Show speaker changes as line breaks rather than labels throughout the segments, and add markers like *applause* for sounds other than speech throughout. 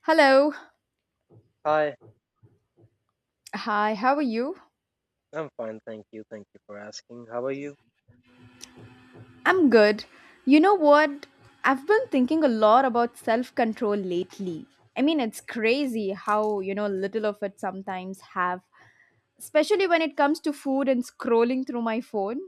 Hello.
Hi,
Hi, how are you?
I'm fine, thank you. Thank you for asking. How are you?
I'm good. You know what? I've been thinking a lot about self control lately. I mean, it's crazy how, you know, little of it sometimes have, especially when it comes to food and scrolling through my phone.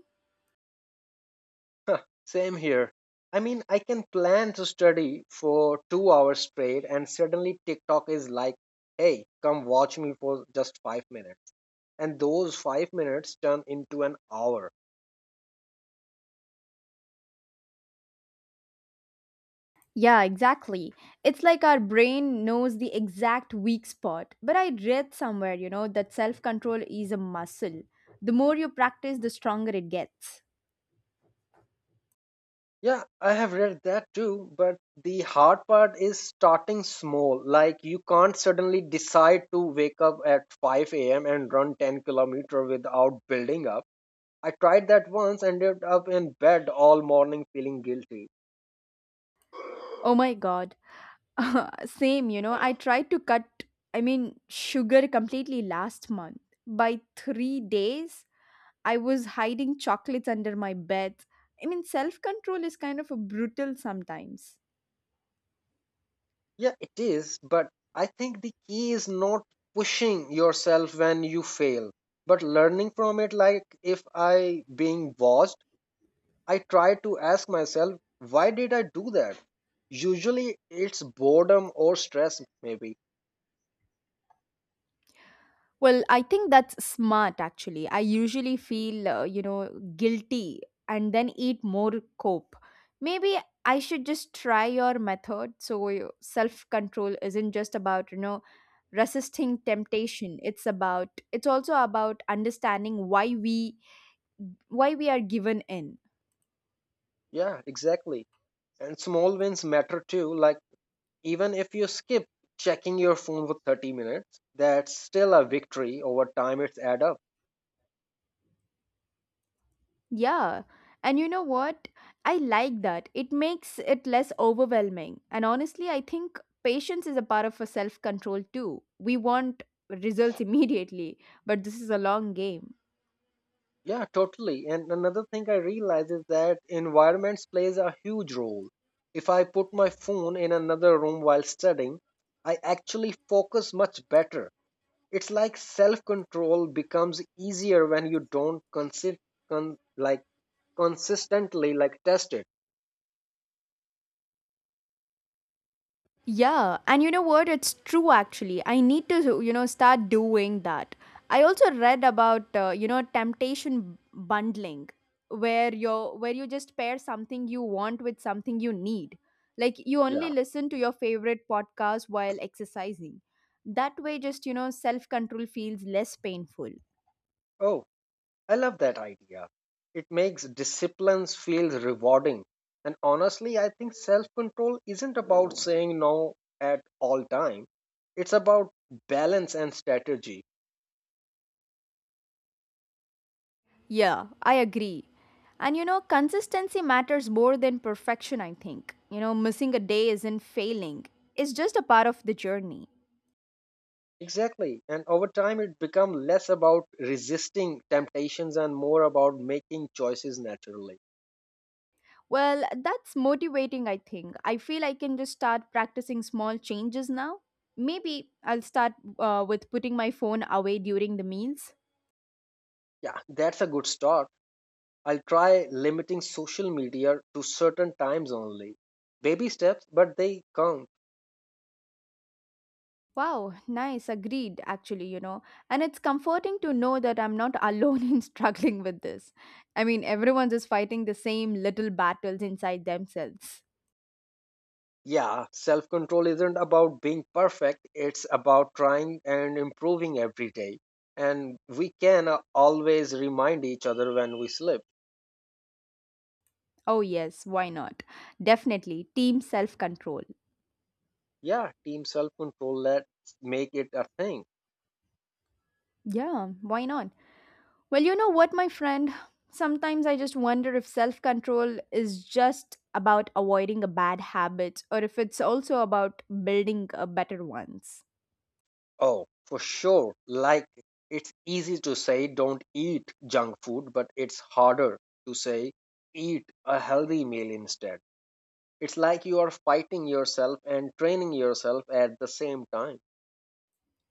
Huh, same here. I mean, I can plan to study for 2 hours straight, and suddenly TikTok is like, hey, come watch me for just 5 minutes. And those 5 minutes turn into an hour.
Yeah, exactly. It's like our brain knows the exact weak spot. But I read somewhere, you know, that self control is a muscle. The more you practice, the stronger it gets.
Yeah, I have read that too, but the hard part is starting small. Like, you can't suddenly decide to wake up at 5 a.m. and run 10-kilometer without building up. I tried that once, ended up in bed all morning feeling guilty.
Oh my god. *laughs* Same, you know, I tried to cut sugar completely last month. By 3 days, I was hiding chocolates under my bed. I mean, self control is kind of a brutal sometimes.
Yeah, it is, but I think the key is not pushing yourself when you fail, but learning from it, like if I being watched, I try to ask myself, why did I do that? Usually it's boredom or stress maybe.
Well, I think that's smart actually. I usually feel, you know, guilty and then eat more cope. Maybe I should just try your method so your self-control isn't just about, you know, resisting temptation. It's also about understanding why we are given in.
Yeah, exactly. And small wins matter too, like even if you skip checking your phone for 30 minutes, that's still a victory. Over time it's add up.
Yeah. And you know what? I like that. It makes it less overwhelming. And honestly, I think patience is a part of a self control too. We want results *laughs* immediately, but this is a long game.
Yeah, totally. And another thing I realize is that environments plays a huge role. If I put my phone in another room while studying, I actually focus much better. It's like self-control becomes easier when you don't like consistently like test it.
Yeah, and you know what? It's true actually. I need to, you know, start doing that. I also read about, you know, temptation bundling where you where you just pair something you want with something you need. Like you only
Yeah.
listen to your favorite podcast while exercising. That way just, you know, self-control feels less painful.
Oh, I love that idea. It makes disciplines feel rewarding. And honestly, I think self control isn't about saying no at all time. It's about balance and strategy.
Yeah, I agree. And you know, consistency matters more than perfection, I think. You know, missing a day isn't failing. It's just a part of the journey.
Exactly. And over time it becomes less about resisting temptations and more about making choices naturally.
Well, that's motivating, I think. I feel I can just start practicing small changes now. Maybe I'll start with putting my phone away during the meals.
Yeah, that's a good start. I'll try limiting social media to certain times only. Baby steps, but they count.
Wow, nice, agreed, actually, you know. And it's comforting to know that I'm not alone *laughs* in struggling with this. I mean, everyone's just fighting the same little battles inside themselves.
Yeah, self control isn't about being perfect, it's about trying and improving every day. And we can always remind each other when we slip.
Oh, yes, why not? Definitely, team self control.
Yeah, team self control, let's make it a thing.
Yeah, why not? Well, you know what, my friend? Sometimes I just wonder if self control is just about avoiding a bad habit or if it's also about building a better ones.
Oh, for sure. Like, it's easy to say don't eat junk food, but it's harder to say eat a healthy meal instead. It's like you are fighting yourself and training yourself at the same time.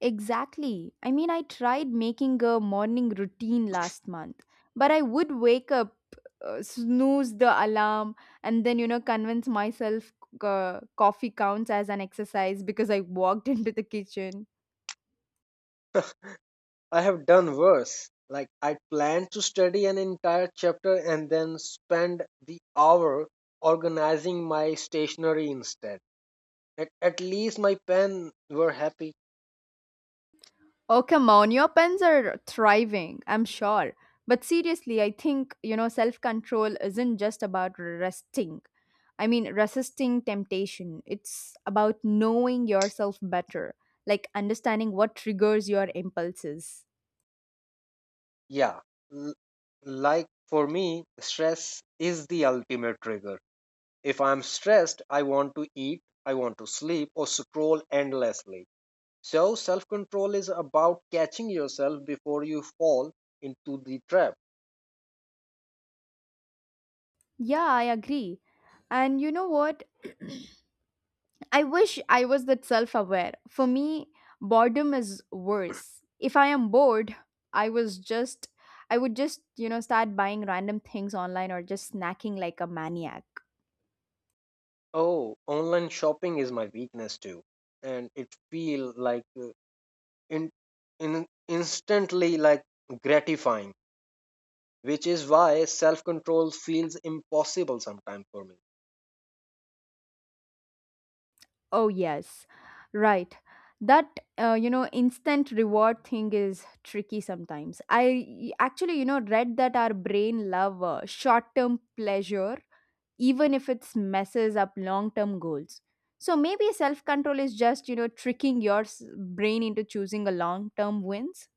Exactly. I tried making a morning routine last month, but I would wake up, snooze the alarm, and then, you know, convince myself coffee counts as an exercise because I walked *laughs* into the kitchen.
I have done worse. Like, I planned to study an entire chapter and then spend the hour organizing my stationery instead. At least my pen were happy.
Oh, come on, your pens are thriving, I'm sure. But seriously, I think, you know, self control isn't just about resting. I mean, resisting temptation. It's about knowing yourself better, like understanding what triggers your impulses.
Yeah, l- like for me, stress is the ultimate trigger. If I'm stressed, I want to eat, I want to sleep, or scroll endlessly. So, self control is about catching yourself before you fall into the trap.
Yeah, I agree. And you know what? *clears throat* I wish I was that self aware. For me, boredom is worse. If I am bored, I was just I would just you know, start buying random things online or just snacking like a maniac.
Oh, online shopping is my weakness too, and it feel like in, in instantly like gratifying, which is why self control feels impossible sometimes for me.
Oh yes. Right. That you know instant reward thing is tricky sometimes. I actually, you know, read that our brain love short-term pleasure even if it messes up long term goals. So maybe self control is just, you know, tricking your brain into choosing a long term wins.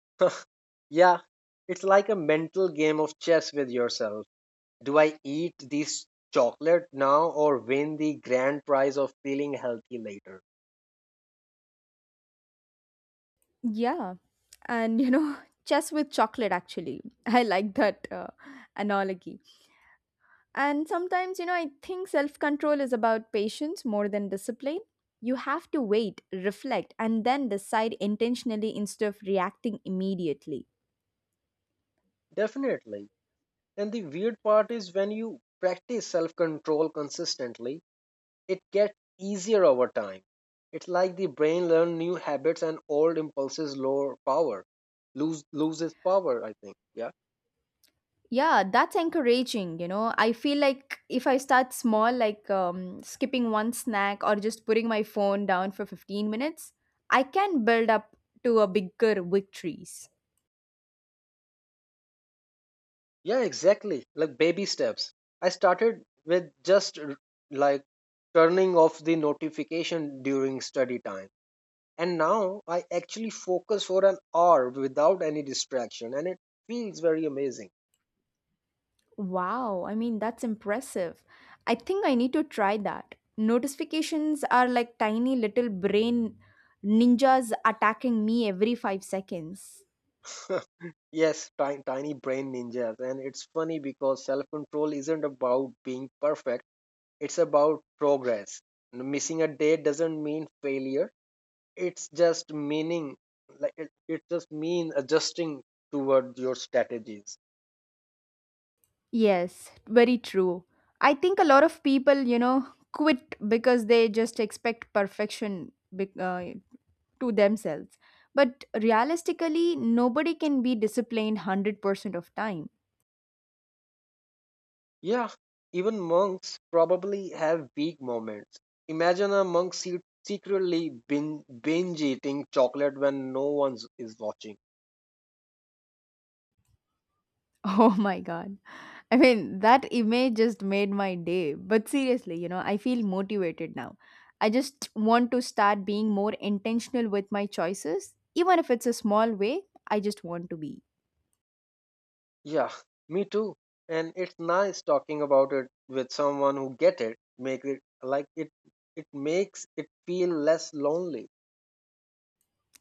*laughs* Yeah, it's like a mental game of chess with yourself. Do I eat this chocolate now or win the grand prize of feeling healthy later?
Yeah. And, you know, *laughs* chess with chocolate, actually. *laughs* I like that analogy. And sometimes, you know, I think self control is about patience more than discipline. You have to wait, reflect, and then decide intentionally instead of reacting immediately.
Definitely. And the weird part is when you practice self control consistently it gets easier over time. It's like the brain learns new habits and old impulses lower power, loses power. I think. Yeah.
Yeah, that's encouraging. You know, I feel like if I start small, like skipping one snack or just putting my phone down for 15 minutes, I can build up to a bigger victories.
Yeah. Exactly. Like baby steps. I started with just like turning off the notification during study time, and now I actually focus for an hour without any distraction, and it feels very amazing.
Wow, I mean, that's impressive. I think I need to try that. Notifications are like tiny little brain ninjas attacking me every 5 seconds.
*laughs* Yes, tiny, tiny brain ninjas. And it's funny because self control isn't about being perfect. It's about progress. Missing a day doesn't mean failure. It's just meaning like it just means adjusting toward your strategies.
Yes, very true. I think a lot of people, you know, quit because they just expect perfection to themselves. But realistically, nobody can be disciplined 100% of time. *laughs*
Yeah, even monks probably have weak moments. Imagine a monk secretly binge eating chocolate when no one is watching.
Oh my god. I mean, that image just made my day. But seriously, you know, I feel motivated now. I just want to start being more intentional with my choices, even if it's a small way. I just want to be.
Yeah, me too. And it's nice talking about it with someone who get it. Make it like it. It makes it feel less lonely.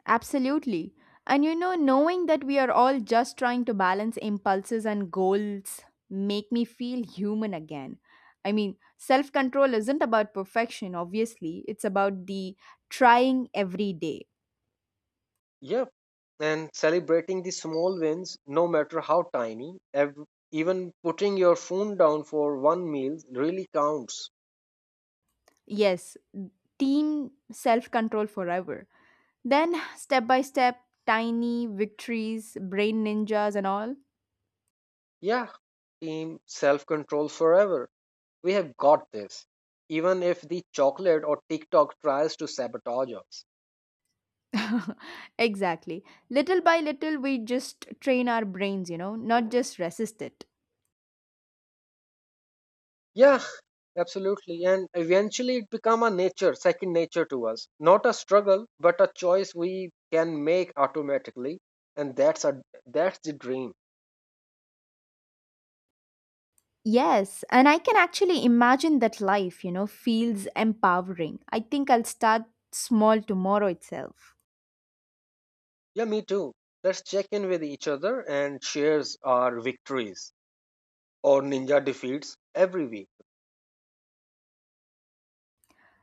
Absolutely. And you know, knowing that we are all just trying to balance impulses and goals make me feel human again. I mean, self-control isn't about perfection, obviously. It's about the trying every day.
Yeah, and celebrating the small wins, no matter how tiny, even putting your phone down for one meal really counts.
Yes, team self-control forever. Then step by step, tiny victories, brain ninjas and all.
Yeah, team self control forever. We have got this, even if the chocolate or TikTok tries to sabotage us.
*laughs* exactly. Little by little we just train our brains, you know, not just resist it.
Yeah, absolutely. And eventually it become a nature, second nature to us. Not a struggle, but a choice we can make automatically. And that's the dream.
Yes, and I can actually imagine that life, you know, feels empowering. I think I'll start small tomorrow itself.
Yeah, me too. Let's check in with each other and shares our victories or ninja defeats every week.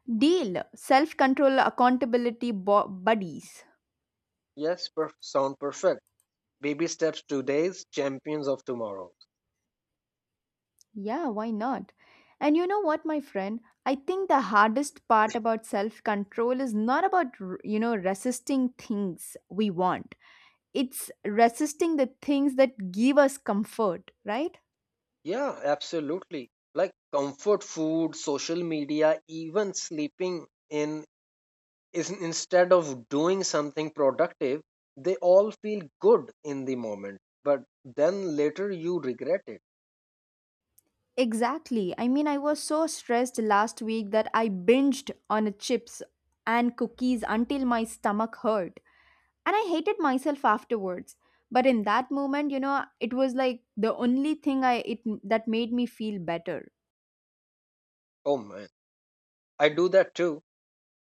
Deal self control, accountability buddies.
Yes, sound perfect. Baby steps today's champions of tomorrow.
Yeah, why not? And you know what, my friend? I think the hardest part about self control is not about, you know, resisting things we want, it's resisting the things that give us comfort, right?
Yeah, absolutely. Like comfort food, social media, even sleeping in is instead of doing something productive, they all feel good in the moment, but then later you regret it.
Exactly. I was so stressed last week that I binged on chips and cookies until my stomach hurt. And I hated myself afterwards. But in that moment, you know, it was like the only thing I it that made me feel better.
Oh man, I do that too.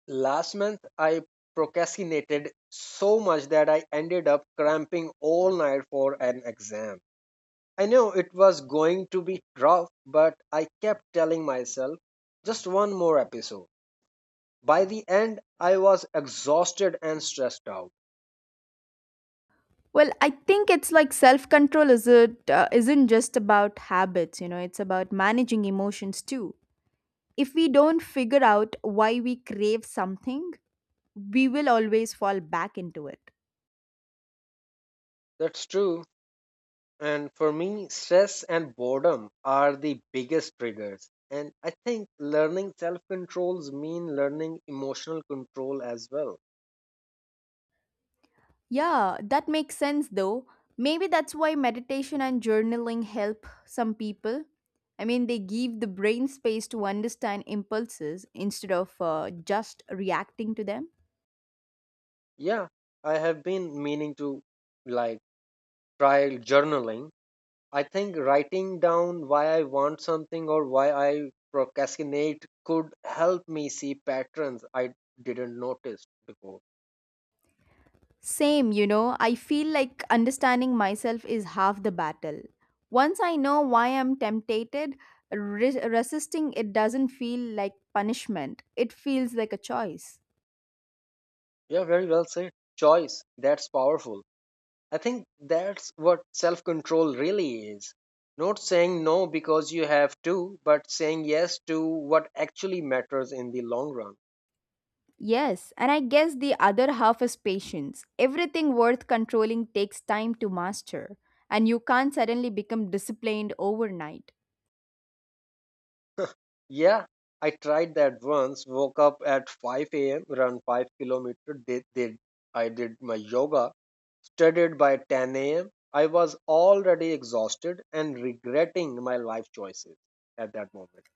Last month, I procrastinated so much that I ended up cramping all night for an exam. I knew it was going to be rough, but I kept telling myself just one more episode. By the end, I was exhausted and stressed out.
Well, I think it's like self-control is it isn't just about habits, you know, it's about managing emotions too. If we don't figure out why we crave something, we will always fall back into it.
That's true. And for me, stress and boredom are the biggest triggers. And I think learning self controls mean learning emotional control as well.
Yeah, that makes sense though. Maybe that's why meditation and journaling help some people. I mean, they give the brain space to understand impulses instead of just reacting to them.
Yeah, I have been meaning to like try journaling. I think writing down why I want something or why I procrastinate could help me see patterns I didn't notice before.
Same, you know, I feel like understanding myself is half the battle. Once I know why I'm tempted, resisting it doesn't feel like punishment, it feels like a choice.
Yeah, very well said. Choice, that's powerful. I think that's what self control really is. Not saying no because you have to, but saying yes to what actually matters in the long run.
Yes, and I guess the other half is patience. Everything worth controlling takes time to master, and you can't suddenly become disciplined overnight.
Yeah, I tried that once. Woke up at 5 a.m., run 5 kilometer. Did I did my yoga, studied by 10 a.m. I was already exhausted and regretting my life choices at that moment.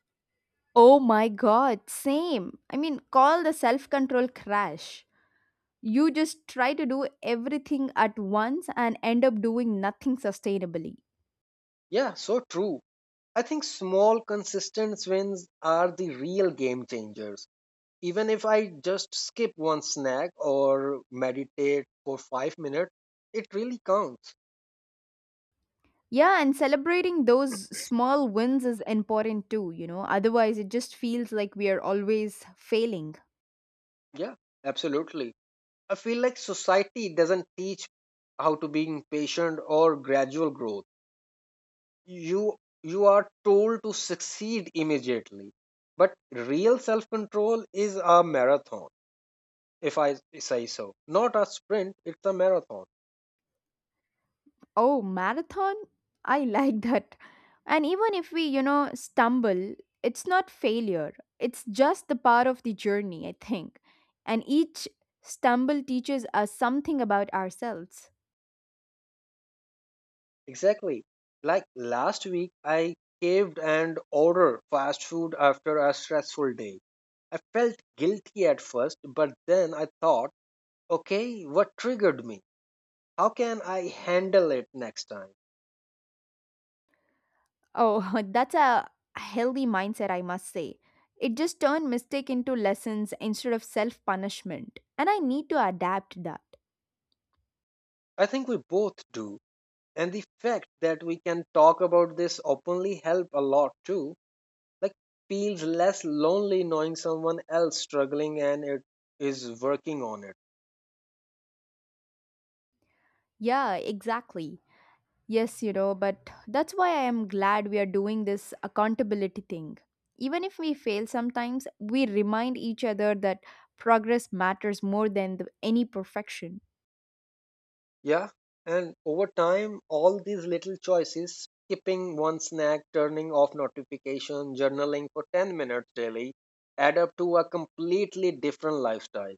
Oh my god, same. I mean, call the self control crash. You just try to do everything at once and end up doing nothing sustainably.
Yeah, so true. I think small consistent wins are the real game changers. Even if I just skip one snack or meditate for 5 minutes, it really counts.
Yeah, and celebrating those small wins is important too, you know, otherwise, it just feels like we are always failing.
Yeah, absolutely. I feel like society doesn't teach how to being patient or gradual growth. You you are told to succeed immediately. But real self-control is a marathon, if I say so. Not a sprint, it's a marathon.
Oh, marathon? I *laughs* like that. And even if we, you know, stumble, it's not failure. It's just the part of the journey, I think. And each stumble teaches us something about ourselves.
Exactly. Like last week I caved and ordered fast food after a stressful day. I felt guilty at first, but then I thought, okay, what triggered me? How can I handle it next time?
Oh, *laughs* that's a healthy mindset, I must say. It just turned mistake into lessons instead of self punishment. And I need to adapt that.
I think we both do. And the fact that we can talk about this openly help a lot too. Like feels less lonely knowing someone else struggling and it is working on it.
Yeah, exactly. Yes, you know, but that's why I am glad we are doing this accountability thing. Even if we fail sometimes, we remind each other that progress matters more than the, any perfection.
Yeah. And over time all these little choices skipping one snack, turning off notification, journaling for 10 minutes daily add up to a completely different lifestyle.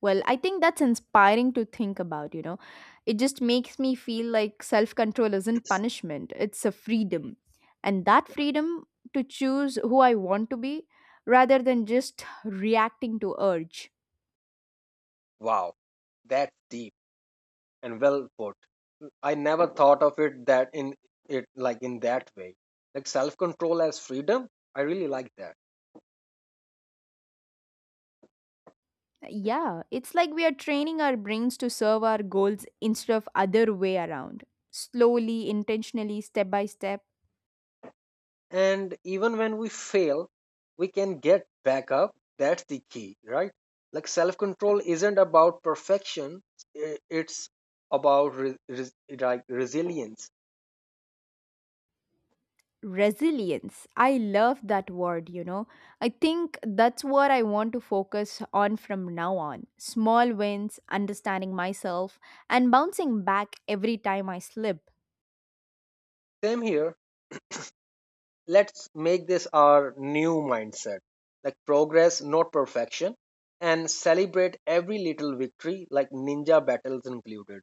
Well, I think that's inspiring to think about, you know. It just makes me feel like self control isn't
*clears throat*
punishment, it's a freedom. And that freedom to choose who I want to be rather than just reacting to urge.
Wow. That's deep and well put. I never thought of it that in it like in that way. Like self control as freedom, I really like that.
Yeah, it's like we are training our brains to serve our goals instead of other way around. Slowly, intentionally, step by step.
And even when we fail, we can get back up. That's the key, right? Like self control isn't about perfection, it's about like resilience.
Resilience. I love that word, you know. I think that's what I want to focus on from now on. Small wins, understanding myself, and bouncing back every time I slip.
Same here. Let's make this our new mindset like progress, not perfection, and celebrate every little victory, like ninja battles included.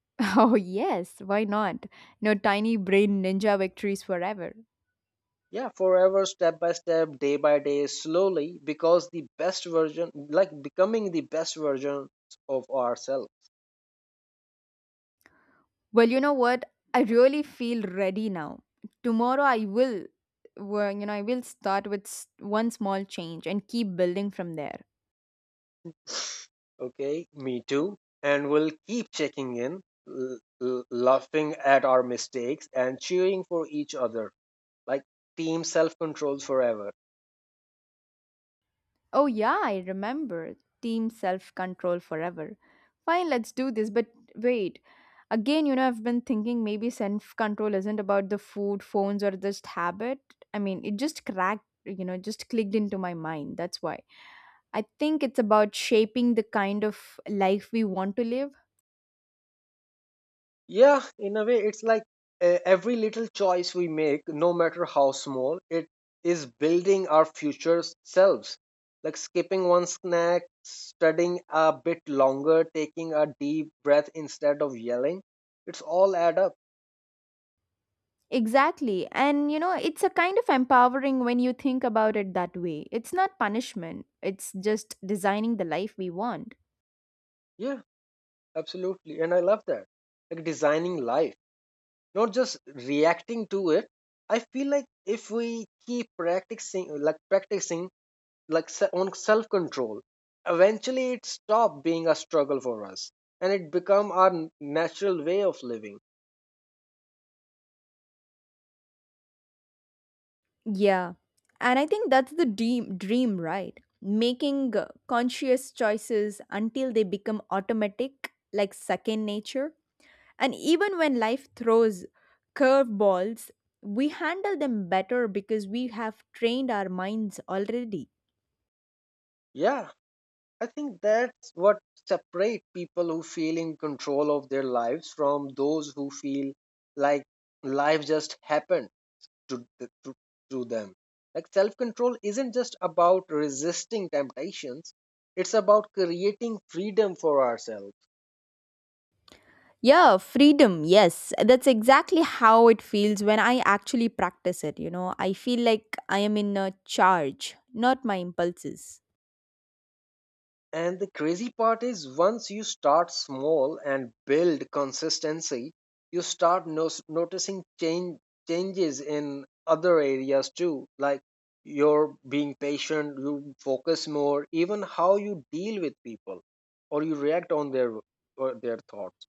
*laughs* Oh, yes, why not? No tiny brain ninja victories forever.
Yeah, forever, step by step, day by day, slowly, because the best version, like becoming the best version of ourselves.
Well, you know what? I really feel ready now. Tomorrow I will, well, you know, I will start with one small change and keep building from there.
*sighs* Okay, me too, and we'll keep checking in, laughing at our mistakes and cheering for each other, like team self control forever.
Oh, yeah, I remember. Team self control forever. Fine, let's do this. But wait, again, you know, I've been thinking maybe self control isn't about the food, phones, or just habit. I mean, it just cracked, you know, just clicked into my mind. That's why. I think it's about shaping the kind of life we want to live.
Yeah, in a way, it's like every little choice we make, no matter how small, it is building our future selves. Like skipping one snack, studying a bit longer, taking a deep breath instead of yelling. It's all add up.
Exactly. And you know, it's a kind of empowering when you think about it that way. It's not punishment, it's just designing the life we want.
Yeah, absolutely. And I love that. Like designing life, not just reacting to it. I feel like if we keep practicing like on self control, eventually it stopped being a struggle for us and it become our natural way of living.
Yeah. And I think that's the dream right? Making conscious choices until they become automatic, like second nature. And even when life throws curveballs, we handle them better because we have trained our minds already.
Yeah, I think that's what separate people who feel in control of their lives from those who feel like life just happened to, th- to, to them. Like self control isn't just about resisting temptations, it's about creating freedom for ourselves.
Yeah, freedom. Yes, that's exactly how it feels when I actually practice it. You know, I feel like I am in a charge, not my impulses.
And the crazy part is once you start small and build consistency, you start noticing changes in other areas too. Like you're being patient, you focus more, even how you deal with people or you react on their or their thoughts.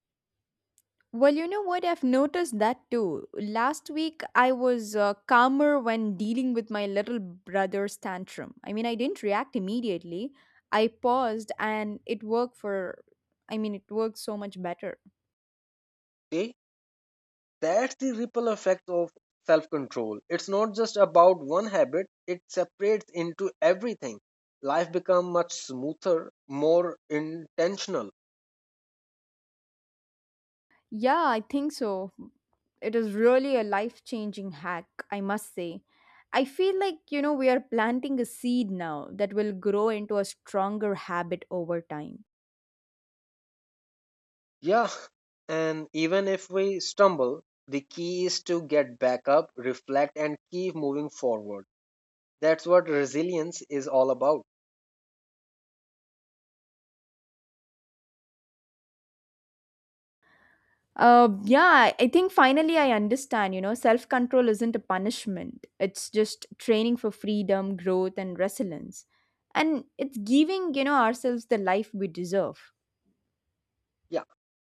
Well, you know what? I've noticed that too. Last week, I was calmer when dealing with my little brother's tantrum. I didn't react immediately. I paused and it worked so much better.
See, that's the ripple effect of self-control. It's not just about one habit, it separates into everything. Life become much smoother, more intentional.
Yeah, I think so. It is really a life changing hack, I must say. I feel like, you know, we are planting a seed now that will grow into a stronger habit over time.
Yeah, and even if we stumble, the key is to get back up, reflect, and keep moving forward. That's what resilience is all about.
Yeah, I think finally I understand, you know, self control isn't a punishment, it's just training for freedom, growth, and resilience. And it's giving, you know, ourselves the life we deserve.
Yeah,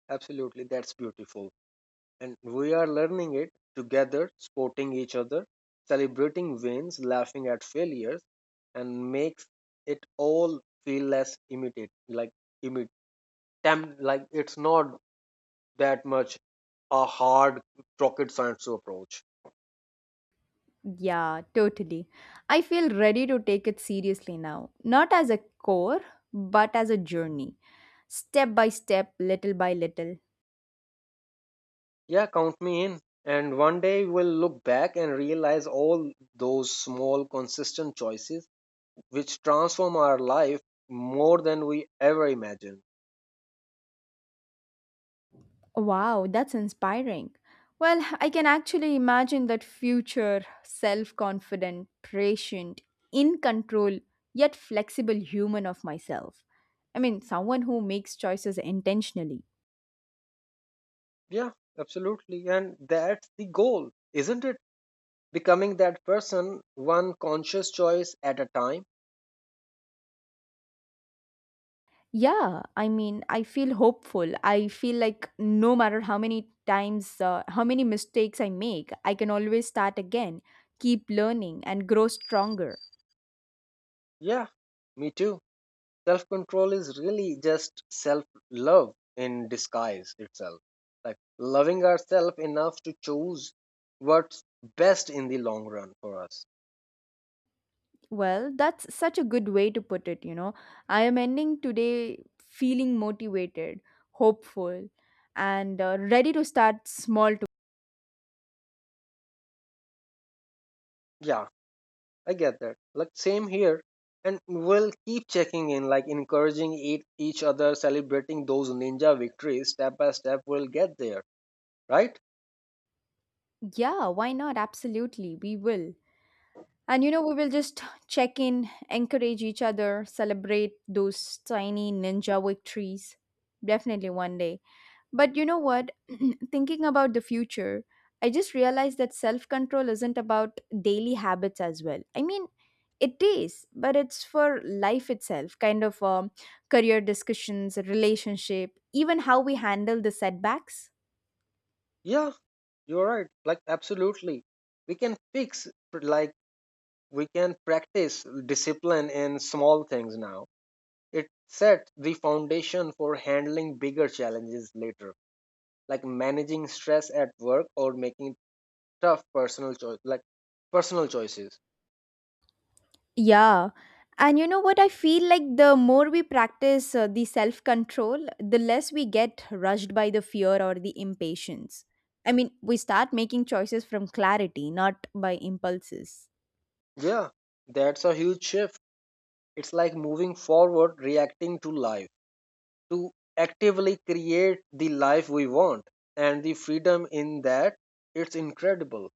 absolutely. That's beautiful. And we are learning it together, supporting each other, celebrating wins, laughing at failures, and makes it all feel less immediate. Like, immediate, like it's not that much a hard rocket science to approach.
Yeah, totally. I feel ready to take it seriously now, not as a core, but as a journey, step by step, little by little.
Yeah, count me in. And one day you will look back and realize all those small, consistent choices which transform our life more than we ever imagined.
Wow, that's inspiring. Well, I can actually imagine that future self confident, patient, in control, yet flexible human of myself. I mean, someone who makes choices intentionally.
Yeah, absolutely. And that's the goal, isn't it? Becoming that person, one conscious choice at a time.
Yeah, I mean, I feel hopeful. I feel like no matter how many times, how many mistakes I make, I can always start again, keep learning, and grow stronger.
Yeah, me too. Self control is really just self love in disguise itself. Like loving ourselves enough to choose what's best in the long run for us.
Well, that's such a good way to put it, you know. I am ending today feeling motivated, hopeful, and ready to start small.
Yeah, I get that. Like same here. And we'll keep checking in, like encouraging each other, celebrating those ninja victories step by step. We'll get there, right?
Yeah, why not? Absolutely, we will. And you know, we will just check in, encourage each other, celebrate those tiny ninja victories. Definitely one day. But you know what? *clears throat* Thinking about the future, I just realized that self control isn't about daily habits as well. I mean, it is, but it's for life itself, kind of career discussions, relationship, even how we handle the setbacks.
Yeah, you're right. Like absolutely, we can fix. Like we can practice discipline in small things now. It sets the foundation for handling bigger challenges later, like managing stress at work or making tough personal choice, like personal choices.
Yeah. And you know what? I feel like the more we practice the self control, the less we get rushed by the fear or the impatience. I mean, we start making choices from clarity, not by impulses.
Yeah, that's a huge shift. It's like moving forward, reacting to life, to actively create the life we want. And the freedom in that, it's incredible.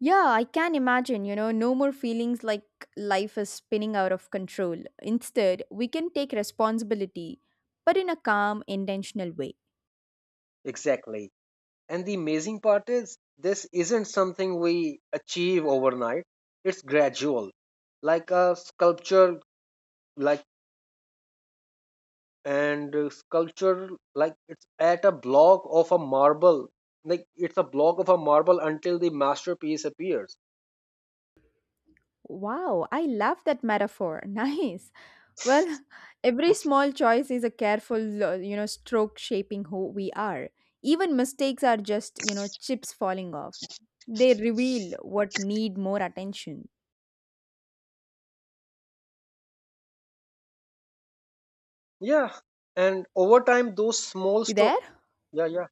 Yeah, I can imagine, you know, no more feelings like life is spinning out of control. Instead, we can take responsibility, but in a calm, intentional way.
Exactly. And the amazing part is, this isn't something we achieve overnight, it's gradual. Like a sculpture, like, and sculpture, like it's at a block of a marble, like it's a block of a marble until the masterpiece appears.
Wow, I love that metaphor. *laughs* Nice. Well, *laughs* every small choice is a careful, you know, stroke shaping who we are. Even mistakes are just, you know, chips falling off. They reveal what need more attention.
Yeah, and over time those small
You
stro
there?
yeah, yeah,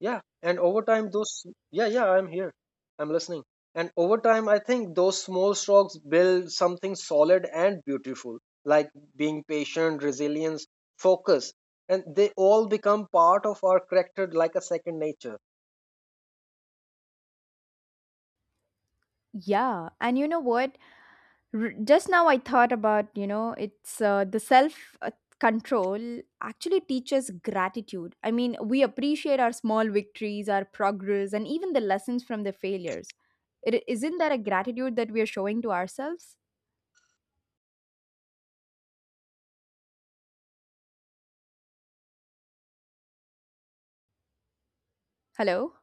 yeah, and over time those yeah, yeah, I'm here. I'm listening. And over time I think those small strokes build something solid and beautiful, like being patient, resilience, focus, and they all become part of our character like a second nature.
Yeah, and you know what? Just now I thought about, you know, it's the self control actually teaches gratitude. I mean, we appreciate our small victories, our progress, and even the lessons from the failures. It isn't that a gratitude that we are showing to ourselves? Hello?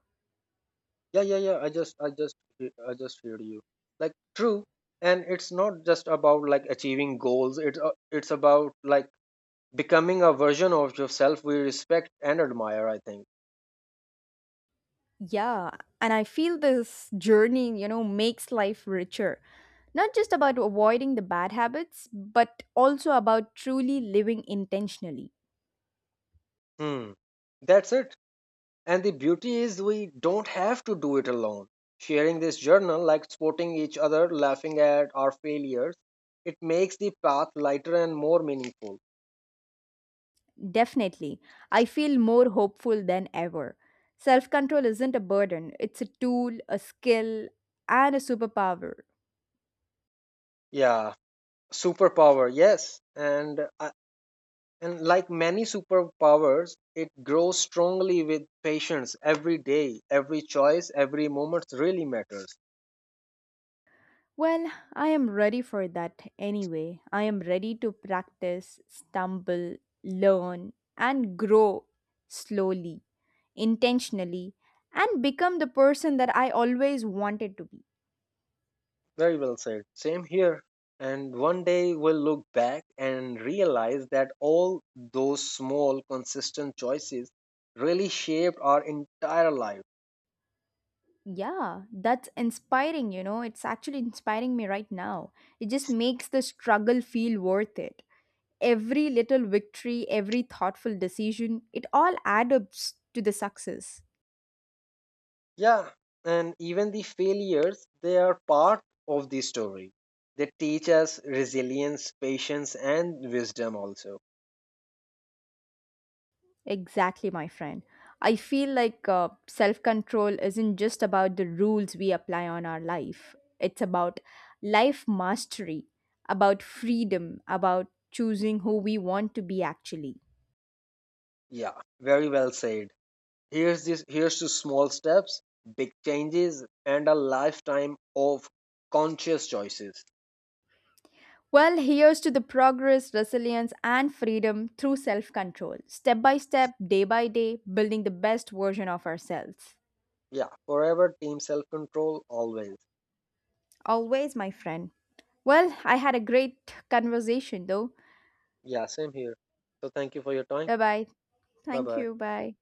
Yeah, yeah, yeah. I just heard you. Like true, and it's not just about like achieving goals. It's about like becoming a version of yourself we respect and admire, I think.
Yeah, and I feel this journey, you know, makes life richer, not just about avoiding the bad habits but also about truly living intentionally.
Hmm, that's it. And the beauty is we don't have to do it alone, sharing this journal, like supporting each other, laughing at our failures, it makes the path lighter and more meaningful.
Definitely. I feel more hopeful than ever. Self control isn't a burden, it's a tool, a skill, and a superpower.
Yeah, superpower, yes, and like many superpowers it grows strongly with patience. Every day, every choice, every moment really matters.
Well, I am ready for that anyway. I am ready to practice, stumble, learn, and grow slowly, intentionally, and become the person that I always wanted to be.
Very well said. Same here. And one day we'll look back and realize that all those small, consistent choices really shaped our entire life.
Yeah, that's inspiring, you know. It's actually inspiring me right now. It just makes the struggle feel worth it. Every little victory, every thoughtful decision, it all adds up to the success.
Yeah, and even the failures, they are part of the story. They teach us resilience, patience, and wisdom also.
Exactly, my friend. I feel like self control isn't just about the rules we apply on our life, it's about life mastery, about freedom, about choosing who we want to be actually.
Yeah, very well said. Here's to small steps, big changes, and a lifetime of conscious choices.
Well, here's to the progress, resilience, and freedom through self control, step by step, day by day, building the best version of ourselves.
Yeah, forever team self control always.
Always, my friend. Well, I had a great conversation though.
Yeah, same here. So thank you for your time.
Bye bye.
Bye
Thank
bye.
you. Bye.